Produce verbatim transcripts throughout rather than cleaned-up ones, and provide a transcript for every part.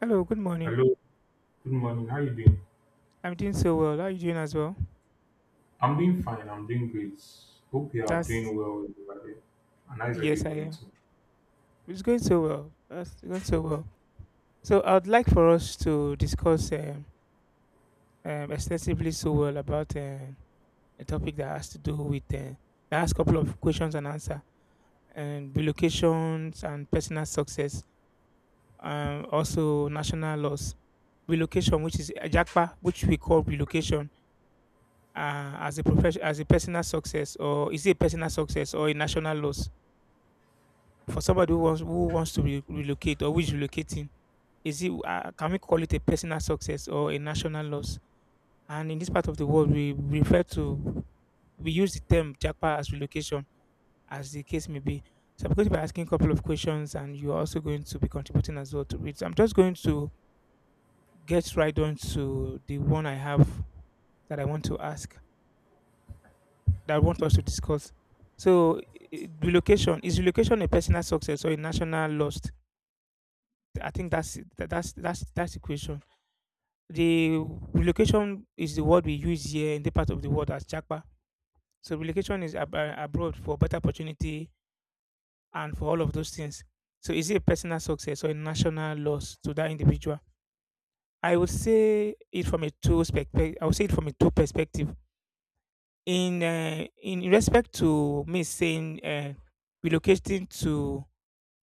Hello, good morning. Hello, good morning. How you doing? I'm doing so well. How are you doing as well? I'm doing fine. I'm doing great. Hope you are That's doing well over there. And how's everybody yes, I going am. too? It's going so well. That's going so well. So I'd like for us to discuss um, um, extensively so well about um, a topic that has to do with uh, that has a couple of questions and answer and relocations and personal success. Um, also national loss relocation, which is Ajakpa, which we call relocation uh, as a profession as a personal success, or is it a personal success or a national loss? For somebody who wants who wants to re- relocate or who is relocating, is it uh, can we call it a personal success or a national loss? And in this part of the world, we refer to we use the term jackpot as relocation, as the case may be. So I'm going to be asking a couple of questions, and you're also going to be contributing as well to it. So I'm just going to get right on to the one I have that I want to ask, that I want us to discuss. So, i- i- relocation is relocation a personal success or a national loss? I think that's it. Tha- That's that's that's the question. The relocation is the word we use here in the part of the world as Chakpa. So relocation is ab- uh, abroad for better opportunity and for all of those things. So is it a personal success or a national loss to that individual? I would say it from a two perspective. I would say it from a two perspective. In uh, in respect to me saying uh, relocating to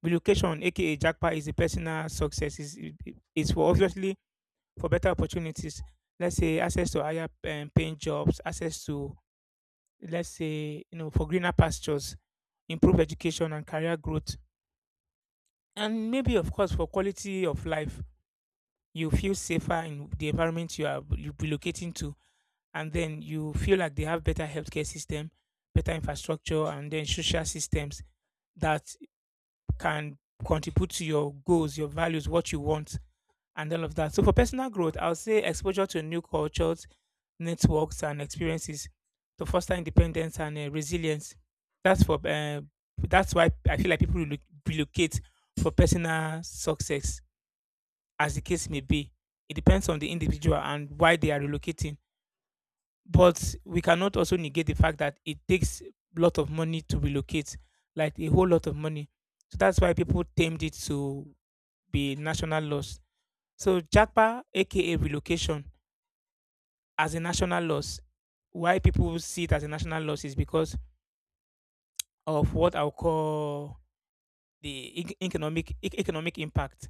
relocation, aka Jackpot, is a personal success. Is is for obviously for better opportunities. Let's say access to higher um, paying jobs, access to let's say, you know, for greener pastures, improved education and career growth, and maybe of course for quality of life. You feel safer in the environment you are you relocating to, and then you feel like they have better healthcare system, better infrastructure, and then social systems that can contribute to your goals, your values, what you want, and all of that. So for personal growth, I'll say exposure to new cultures, networks, and experiences to foster independence and uh, resilience. That's for uh, that's why I feel like people relo- relocate for personal success, as the case may be. It depends on the individual and why they are relocating. But we cannot also negate the fact that it takes a lot of money to relocate, like a whole lot of money. So that's why people tamed it to be national loss. So JAPA, aka relocation, as a national loss. Why people see it as a national loss is because of what I'll call the ec- economic ec- economic impact.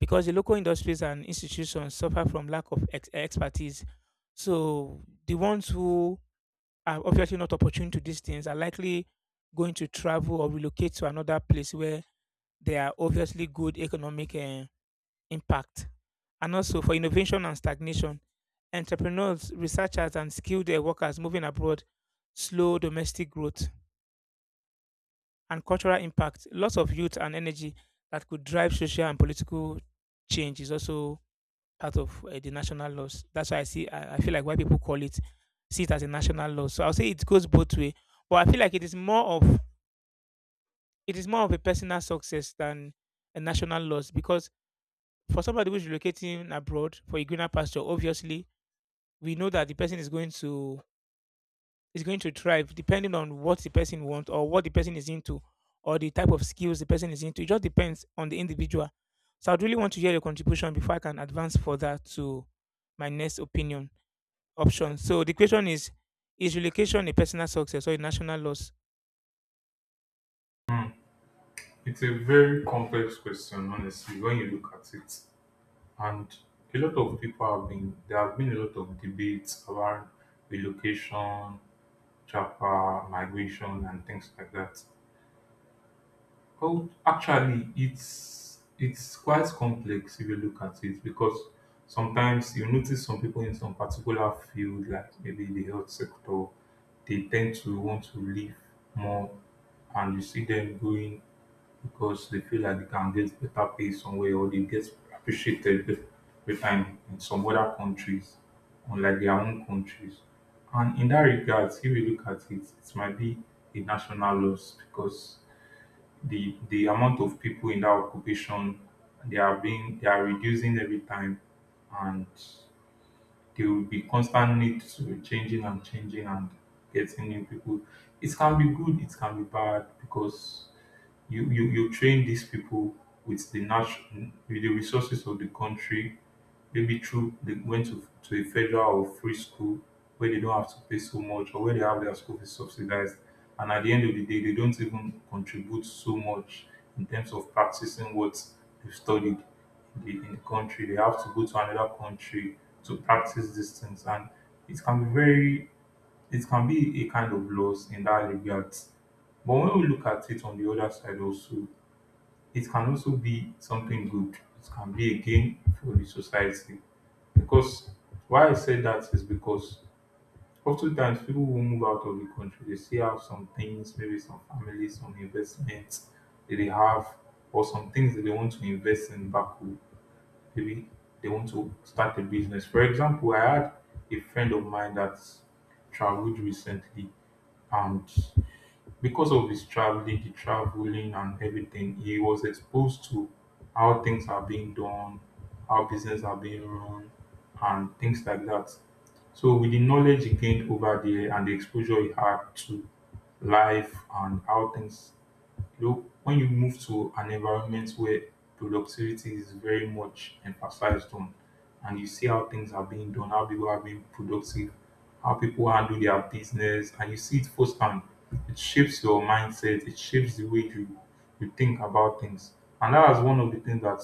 Because the local industries and institutions suffer from lack of ex- expertise, so the ones who are obviously not opportune to these things are likely going to travel or relocate to another place where there are obviously good economic eh, impact, and also for innovation and stagnation entrepreneurs, researchers, and skilled uh, workers moving abroad slow domestic growth and cultural impact. Lots of youth and energy that could drive social and political change is also part of uh, the national loss. That's why I see. I, I feel like why people call it see it as a national loss. So I'll say it goes both way, but I feel like it is more of it is more of a personal success than a national loss because for somebody who's relocating abroad for a greener pasture, obviously we know that the person is going to is going to thrive depending on what the person wants or what the person is into or the type of skills the person is into. It just depends on the individual. So I'd really want to hear your contribution before I can advance further to my next opinion option. So the question is Is relocation a personal success or a national loss? It's a very complex question, honestly, when you look at it. And a lot of people have been there have been a lot of debates around relocation, chapa, migration, and things like that. Oh, actually, it's it's quite complex if you look at it because sometimes you notice some people in some particular field, like maybe the health sector, they tend to want to live more, and you see them going because they feel like they can get better pay somewhere or they get appreciated be- better in, in some other countries, unlike their own countries. And in that regard, if you look at it, it might be a national loss because the the amount of people in that occupation they are being they are reducing every time, and there will be constant need to changing and changing and getting new people. It can be good, it can be bad, because you you, you train these people with the natural, with the resources of the country. Maybe through they went to, to a federal or free school where they don't have to pay so much, or where they have their school fees subsidized. And at the end of the day, they don't even contribute so much in terms of practicing what they've studied in the, in the country. They have to go to another country to practice these things. And it can be very, it can be a kind of loss in that regard. But when we look at it on the other side also, it can also be something good. It can be a gain for the society because why I say that is because oftentimes people who move out of the country, they still have some things, maybe some families, some investments that they have, or some things that they want to invest in back home. Maybe they want to start a business. For example, I had a friend of mine that traveled recently, and because of his traveling, the traveling and everything, he was exposed to how things are being done, how business are being run, and things like that. So with the knowledge he gained over there and the exposure he had to life and how things. Though when you move to an environment where productivity is very much emphasized on, and you see how things are being done, how people are being productive, how people handle their business, and you see it firsthand, it shapes your mindset, it shapes the way you, you think about things. And that is one of the things that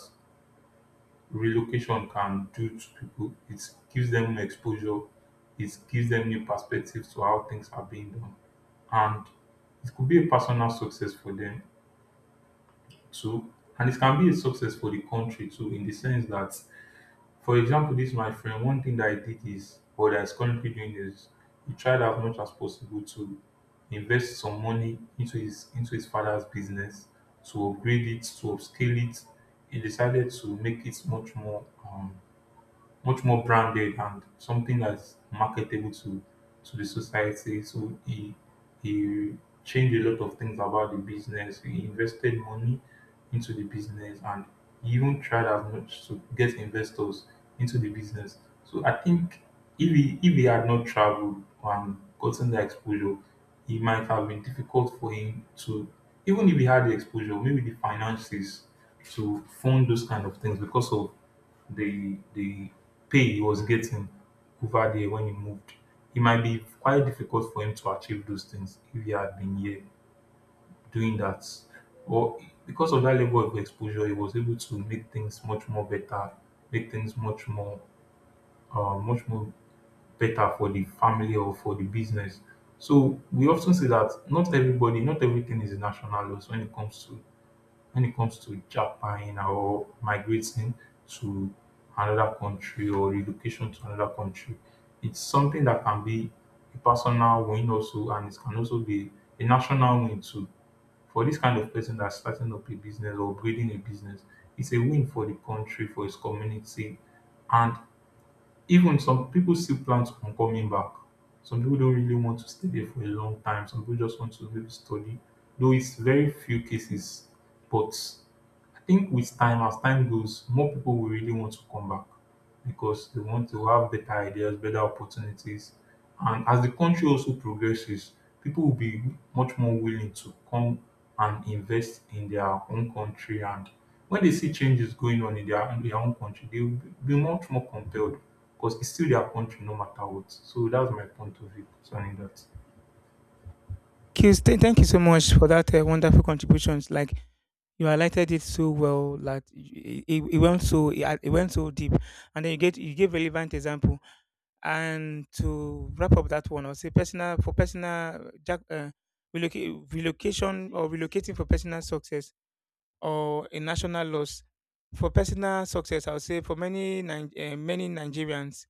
relocation can do to people. It gives them new exposure, it gives them new perspectives to how things are being done. And it could be a personal success for them too. And it can be a success for the country too, in the sense that, for example, this my friend, one thing that I did is, or that is currently doing, is he tried as much as possible to invest some money into his into his father's business, to upgrade it, to upscale it. He decided to make it much more um, much more branded and something that's marketable to to the society. So he he changed a lot of things about the business. He invested money into the business, and he even tried as much to get investors into the business. So I think if he if he had not traveled and gotten the exposure, it might have been difficult for him to, even if he had the exposure, maybe the finances to fund those kind of things because of the the pay he was getting over there when he moved. It might be quite difficult for him to achieve those things if he had been here doing that. Or because of that level of exposure, he was able to make things much more better, make things much more, uh, much more better for the family or for the business. So we often see that not everybody, not everything is national loss when it comes to, when it comes to Japan or migrating to another country or relocation to another country. It's something that can be a personal win also, and it can also be a national win too. For this kind of person that's starting up a business or building a business, it's a win for the country, for his community, and even some people still plan on coming back. Some people don't really want to stay there for a long time. Some people just want to maybe study, though it's very few cases. But I think with time, as time goes, more people will really want to come back because they want to have better ideas, better opportunities. And as the country also progresses, people will be much more willing to come and invest in their own country. And when they see changes going on in their, in their own country, they will be much more compelled because it's still their country no matter what. So that's my point of view concerning that. Kills, th- thank you so much for that uh, wonderful contributions. Like you highlighted it so well that it, it, it went so it, it went so deep, and then you get you gave relevant example. And to wrap up that one, I'll say personal for personal jack, uh, reloca- relocation or relocating for personal success or a national loss. For personal success, I'll say for many Nin- uh, many Nigerians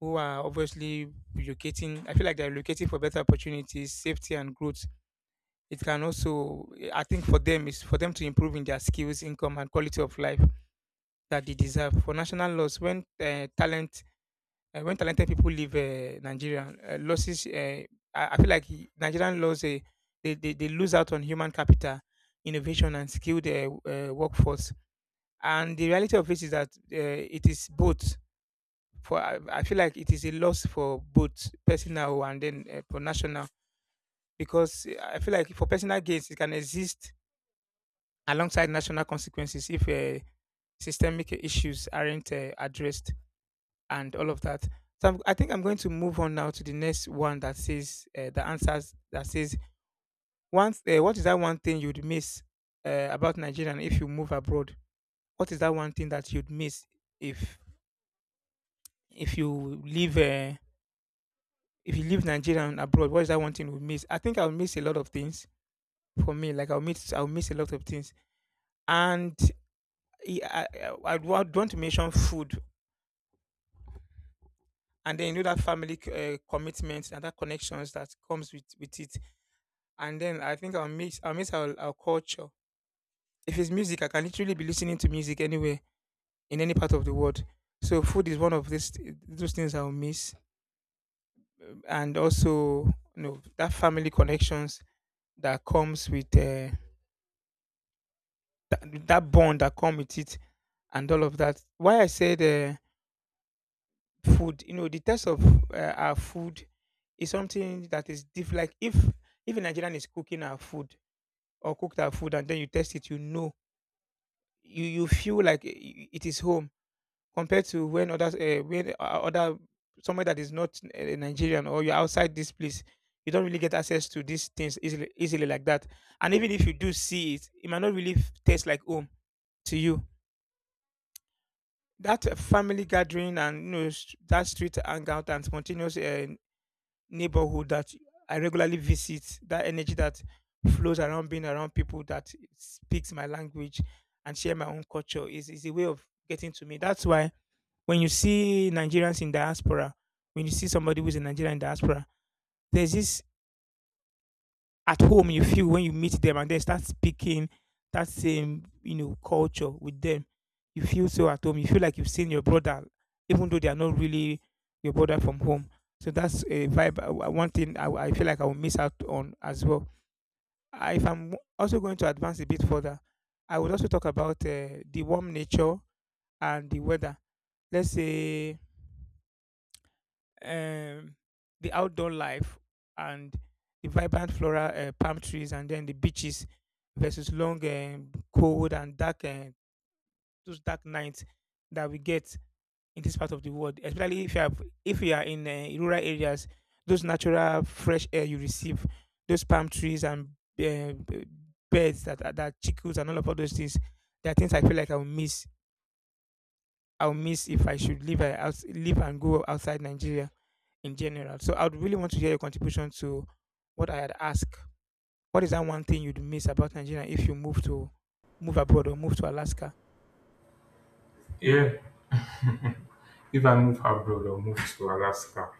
who are obviously relocating, I feel like they're relocating for better opportunities, safety, and growth. It can also, I think, for them is for them to improve in their skills, income, and quality of life that they deserve. For national loss, when uh, talent uh, when talented people leave uh, Nigeria, uh, losses. Uh, I, I feel like he- Nigerian laws uh, they, they they lose out on human capital, innovation, and skilled uh, uh, workforce. And the reality of it is that uh, it is both. For I, I feel like it is a loss for both personal and then uh, for national because uh, I feel like for personal gains it can exist alongside national consequences if uh, systemic issues aren't uh, addressed. And all of that. So I'm, I think I'm going to move on now to the next one that says uh, the answers that says once uh, what is that one thing you'd miss uh, about Nigeria if you move abroad? What is that one thing that you'd miss if if you leave uh, if you leave Nigeria and abroad? What is that one thing you would miss? I think I'll miss a lot of things for me. Like I'll miss I'll miss a lot of things, and I I, I would want to mention food, and then you know that family c- uh, commitment and that connections that comes with with it, and then I think I'll mix I'll mix our, our culture. If it's music, I can literally be listening to music anywhere in any part of the world. So food is one of these those things I'll miss. Um, and also you know that family connections that comes with uh, that, that bond that come with it and all of that. Why I said uh, food, you know, the taste of uh, our food is something that is different. Like if if a Nigerian is cooking our food or cooked our food and then you taste it, you know you you feel like i- it is home compared to when others uh, when o- other somewhere that is not uh, Nigerian or you're outside this place, you don't really get access to these things easily easily like that. And even if you do see it, it might not really f- taste like home to you. That uh, family gathering and you know s- that street hangout and spontaneous uh, neighborhood that I regularly visit, that energy that flows around being around people that speaks my language and share my own culture is, is a way of getting to me. That's why when you see Nigerians in diaspora, when you see somebody who's a Nigerian in diaspora, there's this at home you feel when you meet them and then start speaking that same, you know, culture with them, you feel so at home. You feel like you've seen your brother, even though they are not really your brother from home. So that's a vibe. I- I- one thing i, I feel like I will miss out on as well. I, if I'm also going to advance a bit further, I would also talk about uh, the warm nature and the weather. Let's say, um, the outdoor life and the vibrant floral uh, palm trees and then the beaches versus long um, cold and dark uh, those dark nights that we get in this part of the world, especially if you have if you are in uh, rural areas. Those natural fresh air you receive, those palm trees and uh, b- birds that are- that chickens and all of all those things, there are things I feel like i'll miss I'll miss if I should live uh, out, live and go outside Nigeria in general. So I would really want to hear your contribution to what I had asked. What is that one thing you'd miss about Nigeria if you move to move abroad or move to Alaska? Yeah, if I move abroad or move to Alaska,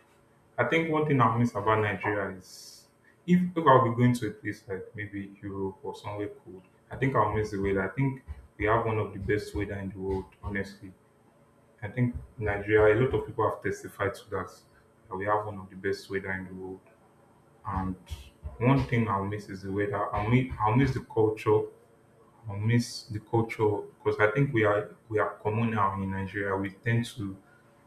I think one thing I miss about Nigeria is, if, if I'll be going to a place like maybe Europe or somewhere cold, I think I'll miss the weather. I think we have one of the best weather in the world, honestly. I think Nigeria, a lot of people have testified to that, that we have one of the best weather in the world. And one thing I'll miss is the weather. I'll miss, I'll miss the culture. I miss the culture because I think we are we are communal in Nigeria. We tend to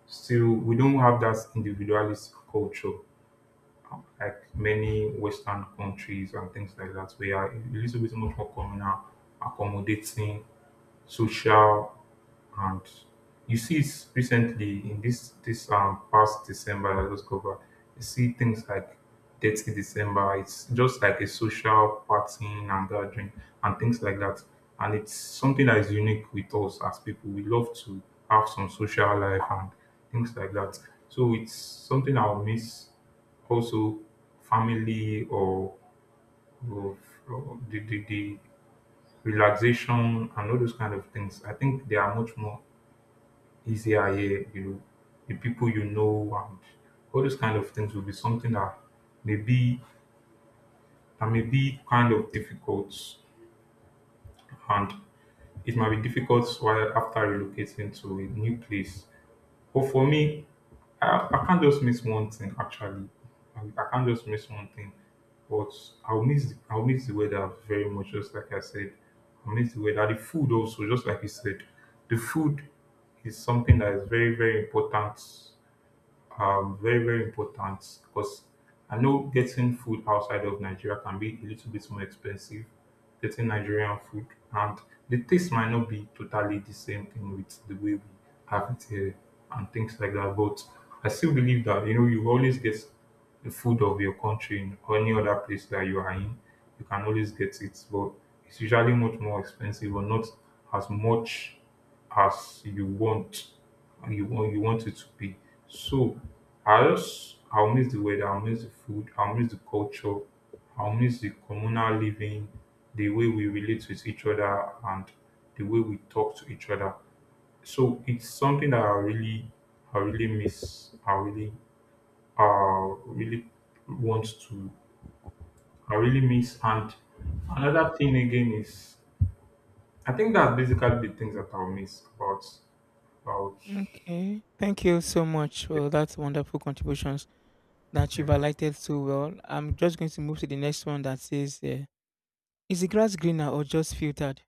still, we don't have that individualist culture like many Western countries and things like that. We are a little bit much more communal, accommodating, social, and you see it recently in this this um past December that just covered. You see things like Dirty December. It's just like a social partying and gathering and things like that. And it's something that is unique with us as people. We love to have some social life and things like that. So it's something I'll miss. Also, family or, or, or the, the the relaxation and all those kind of things. I think they are much more ECIA, you know, the people you know, and all those kind of things will be something that may be, that may be kind of difficult, and it might be difficult while after relocating to a new place. But for me, I, I can't just miss one thing actually. I, I can't just miss one thing. But I'll miss I'll miss the weather very much, just like I said. I miss the weather. The food also, just like you said. The food is something that is very, very important are very, very important because I know getting food outside of Nigeria can be a little bit more expensive, getting Nigerian food, and the taste might not be totally the same thing with the way we have it here and things like that. But I still believe that you know you always get the food of your country in any other place that you are in, you can always get it, but it's usually much more expensive or not as much as you want and you want you want it to be. So I just, I'll miss the weather, I'll miss the food, I'll miss the culture, I'll miss the communal living, the way we relate with each other and the way we talk to each other. So it's something that I really I really miss. I really uh really want to I really miss And another thing again is, I think that's basically the things that I'll miss about about Okay. Thank the. you so much Yeah. for that wonderful contributions that you've Yeah. highlighted so well. I'm just going to move to the next one that says, uh, is the grass greener or just filtered?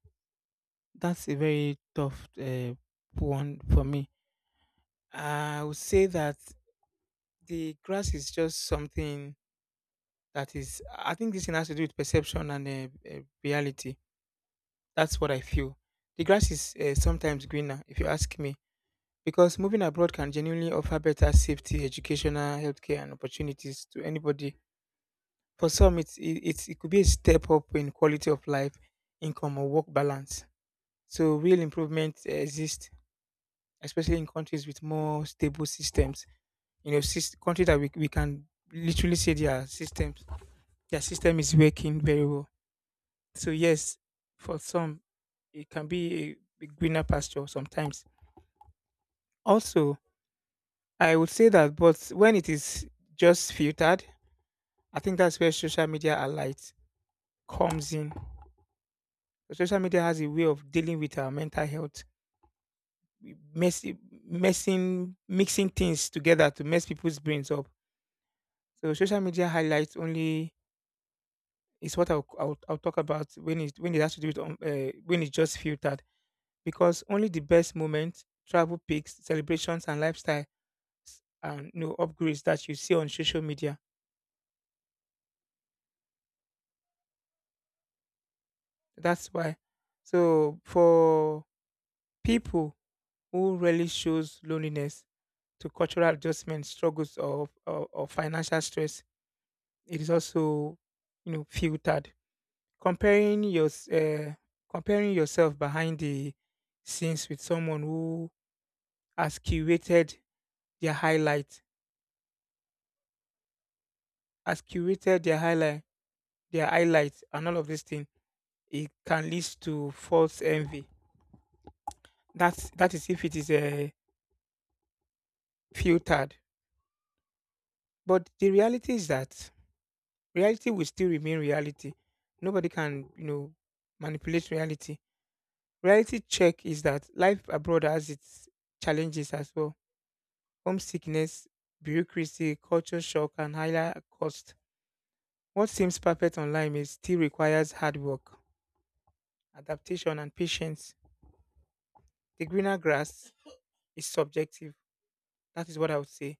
That's a very tough uh, one for me. I would say that the grass is just something that is, I think this thing has to do with perception and uh, uh, reality. That's what I feel. The grass is uh, sometimes greener, if you ask me, because moving abroad can genuinely offer better safety, educational, healthcare, and opportunities to anybody. For some, it's, it, it's, it could be a step up in quality of life, income, or work balance. So, real improvement uh, exists, especially in countries with more stable systems. You know, sys- countries that we, we can literally say their systems, their system is working very well. So, yes, for some, it can be a, a greener pasture sometimes. Also, I would say that, but when it is just filtered, I think that's where social media alight comes in. So social media has a way of dealing with our mental health, messing, messing, mixing things together to mess people's brains up. So social media highlights only is what I'll, I'll, I'll talk about when it when it has to do with um, uh, when it's just filtered, because only the best moments, travel pics, celebrations, and lifestyle and no upgrades that you see on social media. That's why. So for people who really shows loneliness to cultural adjustment struggles or, or, or financial stress, it is also, you know, filtered. Comparing your uh, Comparing yourself behind the scenes with someone who has curated their highlight, has curated their highlight, their highlights, and all of this thing, it can lead to false envy. That's that is if it is uh, filtered. But the reality is that reality will still remain reality. Nobody can, you know, manipulate reality. Reality check is that life abroad has its challenges as well. Homesickness, bureaucracy, culture shock, and higher cost. What seems perfect online is still requires hard work, adaptation, and patience. The greener grass is subjective. That is what I would say.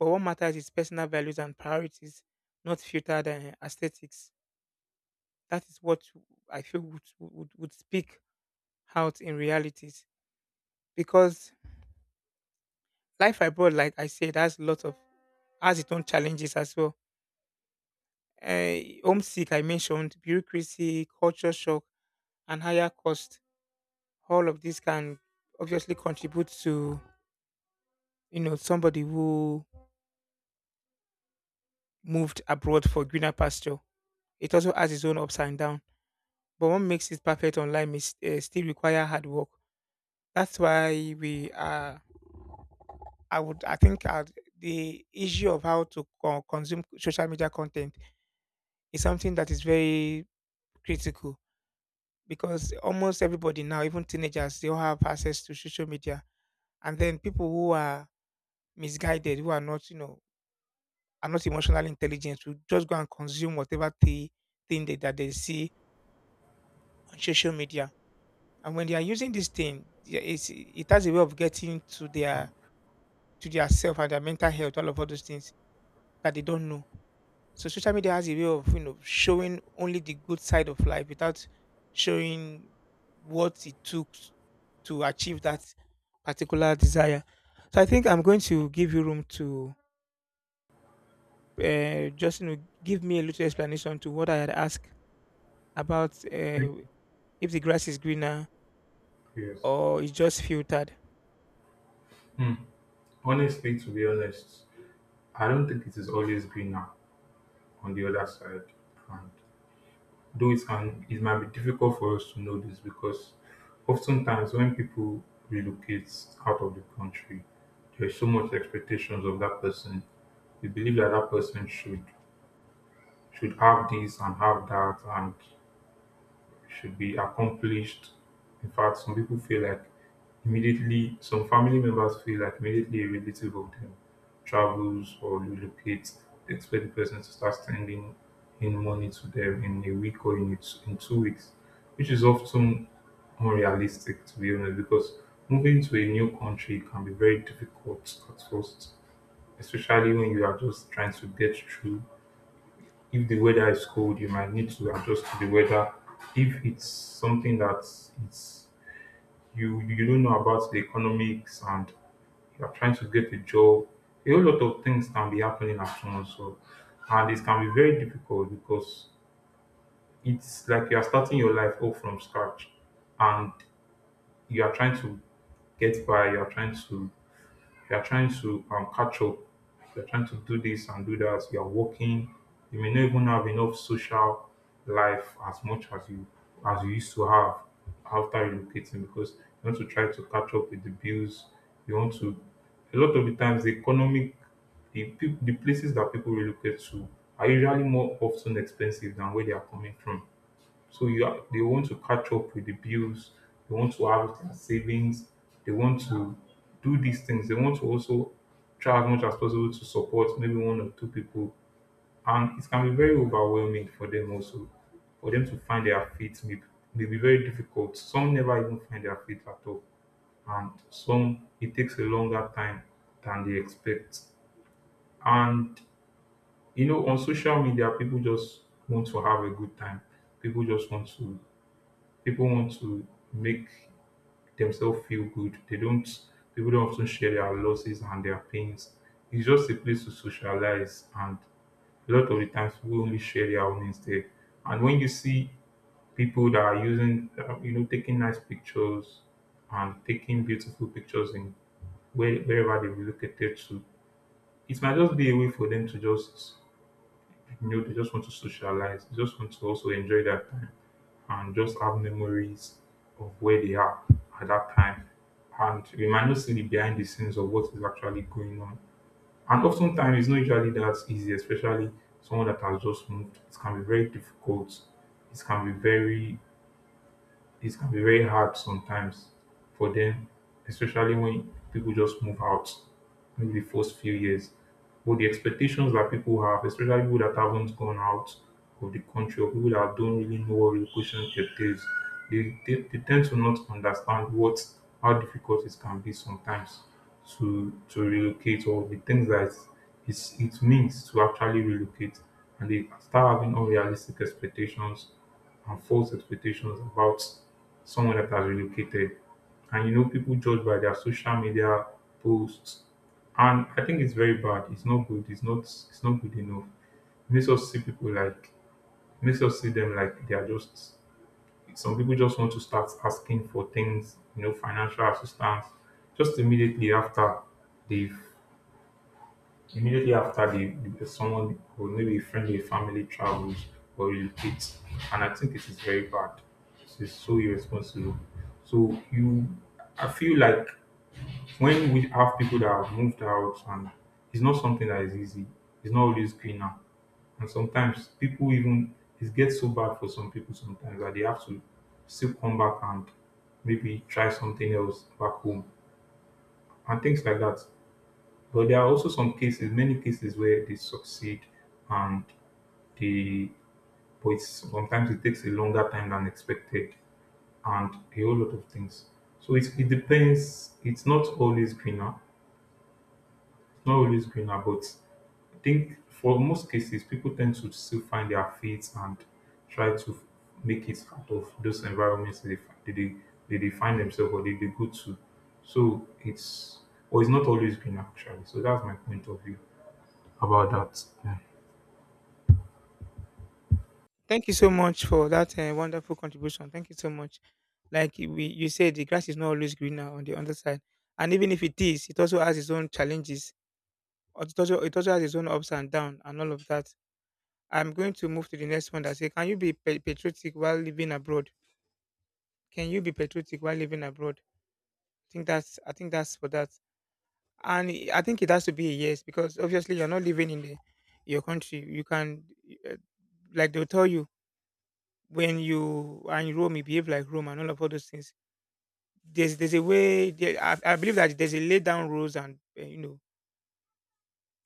But what matters is personal values and priorities, not filtered uh, aesthetics. That is what I feel would, would, would speak out in realities, because life abroad, like I said, has lots of has its own challenges as well. Uh, Homesick, I mentioned bureaucracy, culture shock, and higher cost. All of this can obviously contribute to, you know, somebody who moved abroad for greener pasture. It also has its own ups and downs. But what makes it perfect online is uh, still require hard work. That's why we are I would, I think uh, the issue of how to co- consume social media content is something that is very critical, because almost everybody now, even teenagers, they all have access to social media. And then people who are misguided, who are not, you know, are not emotionally intelligent, will just go and consume whatever the thing that, that they see on social media. And when they are using this thing, yeah, it's, it has a way of getting to their to their self and their mental health, all of all those things that they don't know. So social media has a way of, you know, showing only the good side of life without showing what it took to achieve that particular desire. So I think I'm going to give you room to uh, just, you know, give me a little explanation to what I had asked about, uh, if the grass is greener Yes. or it's just filtered. Hmm. Honestly, to be honest, I don't think it is always greener on the other side. And though it can, it might be difficult for us to know this because oftentimes when people relocate out of the country, there's so much expectations of that person. We believe that that person should should have this and have that, and should be accomplished. In fact, some people feel like immediately, some family members feel like immediately a relative of them travels or relocates, they expect the person to start sending in money to them in a week or in, a- in two weeks, which is often unrealistic, to be honest, because moving to a new country can be very difficult at first, especially when you are just trying to get through. If the weather is cold, you might need to adjust to the weather. If it's something that it's you you don't know about the economics, and you are trying to get a job, a whole lot of things can be happening at once. So and it can be very difficult because it's like you are starting your life all from scratch, and you are trying to get by. You are trying to, if you are trying to um, catch up, if you're trying to do this and do that, you're working, you may not even have enough social life as much as you as you used to have after relocating, because you want to try to catch up with the bills. You want to A lot of the times, the economic the peop- the places that people relocate to are usually more often expensive than where they are coming from. So you are, they want to catch up with the bills, they want to have their savings, they want to do these things. They want to also try as much as possible to support maybe one or two people. And it can be very overwhelming for them also. For them to find their feet may, may be very difficult. Some never even find their feet at all. And some, it takes a longer time than they expect. And you know, on social media, people just want to have a good time. People just want to people want to make themselves feel good. They don't People don't often share their losses and their pains. It's just a place to socialize, and a lot of the times people only share their own instead. And when you see people that are using uh, you know, taking nice pictures and taking beautiful pictures in where, wherever they relocated to, it might just be a way for them to just, you know, they just want to socialize. They just want to also enjoy that time and just have memories of where they are at that time. And we might not see the behind the scenes of what is actually going on. And oftentimes, it's not usually that easy, especially someone that has just moved. It can be very difficult. It can be very it can be very hard sometimes for them, especially when people just move out, maybe the first few years. But the expectations that people have, especially people that haven't gone out of the country, or people that don't really know what relocation entails, they, they, they tend to not understand what how difficult it can be sometimes to to relocate, or the things that it's, it means to actually relocate. And they start having unrealistic expectations and false expectations about someone that has relocated. And you know, people judge by their social media posts. And I think it's very bad. It's not good. It's not it's not good enough. It makes us see people like, makes us see them like they are just, some people just want to start asking for things, you know, financial assistance just immediately after they've Immediately after, the, the someone, or maybe a friend or a family travels or relocates, and I think it is very bad. It's so irresponsible. So you, I feel like when we have people that have moved out, and it's not something that is easy. It's not always clean now, and sometimes people even, it gets so bad for some people sometimes, that they have to still come back and maybe try something else back home and things like that. But there are also some cases, many cases, where they succeed, and the, but it's, sometimes it takes a longer time than expected, and a whole lot of things. So it, it depends. It's not always greener. It's not always greener, but I think for most cases, people tend to still find their feet and try to make it out of those environments that they fi- they, they, they, they find themselves, or they, they go to. So it's, or it's not always green actually. So that's my point of view about that. Yeah. Thank you so much for that uh, wonderful contribution. Thank you so much. Like we, you said, the grass is not always greener on the underside, and even if it is, it also has its own challenges, or it also it also has its own ups and downs and all of that. I'm going to move to the next one that say, can you be pa- patriotic while living abroad? Can you be patriotic while living abroad? I think that's I think that's for that, and I I think it has to be a yes, because obviously you're not living in the, your country. You can, uh, like they'll tell you, when you are in Rome, you behave like Rome and all of all those things. There's there's a way. There, I, I believe that there's a laid down rules and, uh, you know,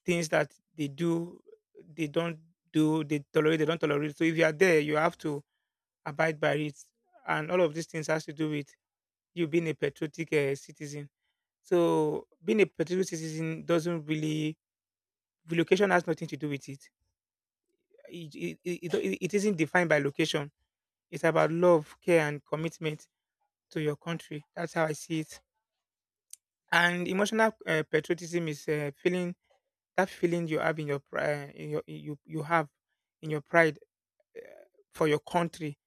things that they do, they don't do, they tolerate, they don't tolerate. So if you are there, you have to abide by it. And all of these things has to do with you being a patriotic uh, citizen. So being a patriotic citizen doesn't really, the location has nothing to do with it. It, it, it, it it isn't defined by location. It's about love, care, and commitment to your country. That's how I see it. And emotional uh, patriotism is uh, feeling that feeling you have in your pri- uh, in your you you have in your pride for your country,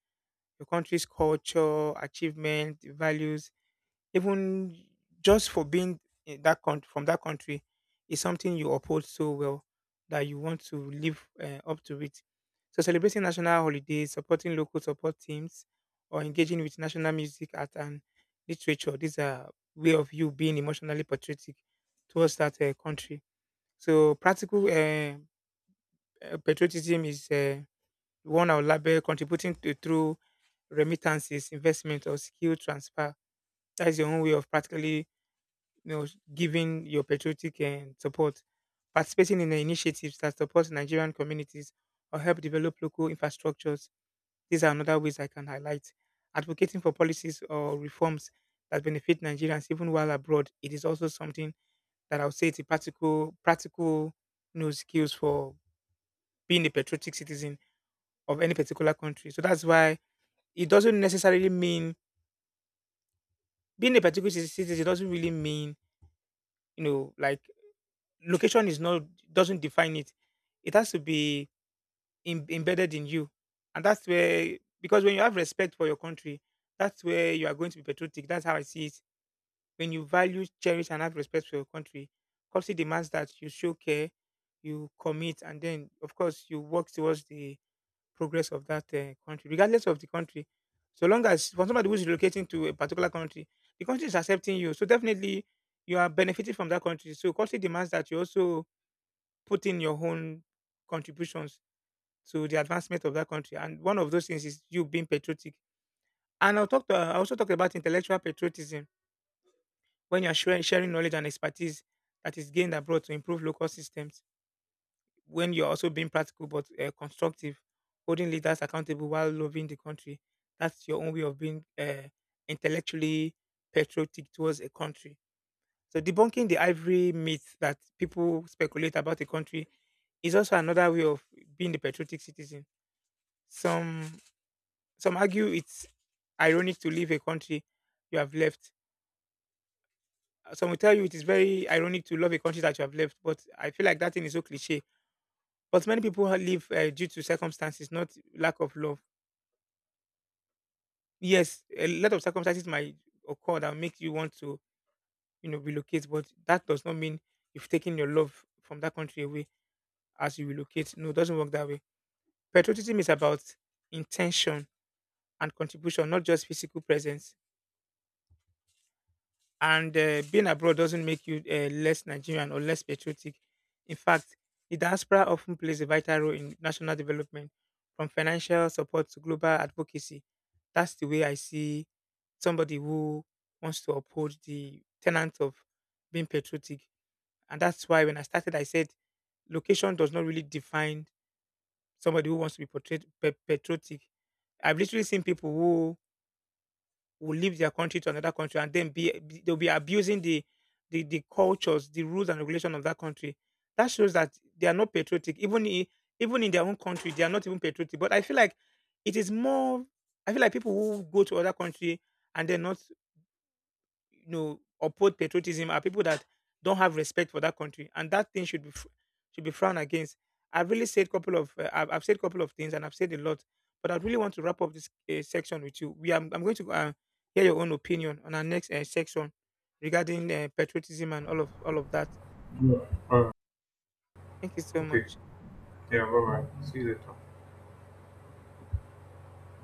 your country's culture, achievement, values, even just for being in that country from that country is something you uphold so well that you want to live uh, up to it. So celebrating national holidays, supporting local support teams, or engaging with national music, art, and literature. These are way of you being emotionally patriotic towards that uh, country. So practical uh, uh, patriotism is uh, one our label contributing to, through remittances, investment, or skill transfer. That's your own way of practically, you know, giving your patriotic and support. Participating in the initiatives that support Nigerian communities or help develop local infrastructures. These are another ways I can highlight. Advocating for policies or reforms that benefit Nigerians even while abroad. It is also something that I would say it's a practical, practical, you know, skills for being a patriotic citizen of any particular country. So that's why it doesn't necessarily mean being a particular ci- citizen doesn't really mean, you know, like location is not doesn't define it, it has to be im- embedded in you. And that's where, because when you have respect for your country, that's where you are going to be patriotic. That's how I see it. When you value, cherish, and have respect for your country, country demands that you show care, you commit, and then of course you work towards the progress of that uh, country, regardless of the country. So long as, for somebody who's relocating to a particular country, the country is accepting you. So definitely you are benefiting from that country. So culture demands that you also put in your own contributions to the advancement of that country. And one of those things is you being patriotic. And I'll talk to, I also talk about intellectual patriotism, when you're sharing sharing knowledge and expertise that is gained abroad to improve local systems. When you're also being practical but uh, constructive, holding leaders accountable while loving the country. That's your own way of being, uh, intellectually patriotic towards a country. So debunking the ivory myth that people speculate about a country is also another way of being the patriotic citizen. Some some argue it's ironic to leave a country you have left. Some will tell you it is very ironic to love a country that you have left, but I feel like that thing is so cliche. But many people ha- leave uh, due to circumstances, not lack of love. Yes, a lot of circumstances might occur that make you want to, you know, relocate, but that does not mean you've taken your love from that country away as you relocate. No, it doesn't work that way. Patriotism is about intention and contribution, not just physical presence. And uh, being abroad doesn't make you uh, less Nigerian or less patriotic. In fact, the diaspora often plays a vital role in national development, from financial support to global advocacy. That's the way I see somebody who wants to uphold the tenets of being patriotic. And that's why when I started, I said location does not really define somebody who wants to be portrayed pa- patriotic. I've literally seen people who will leave their country to another country, and then be, be- they'll be abusing the, the the cultures, the rules and regulation of that country. That shows that they are not patriotic. Even i- even in their own country, they are not even patriotic. But I feel like it is more. I feel like people who go to other country and then not, you know, uphold patriotism are people that don't have respect for that country, and that thing should be fr- should be frowned against. I've really said couple of uh, I've, I've said couple of things, and I've said a lot, but I really want to wrap up this uh, section with you. We are, I'm going to uh, hear your own opinion on our next uh, section regarding uh, patriotism and all of all of that. Thank you so much. All right.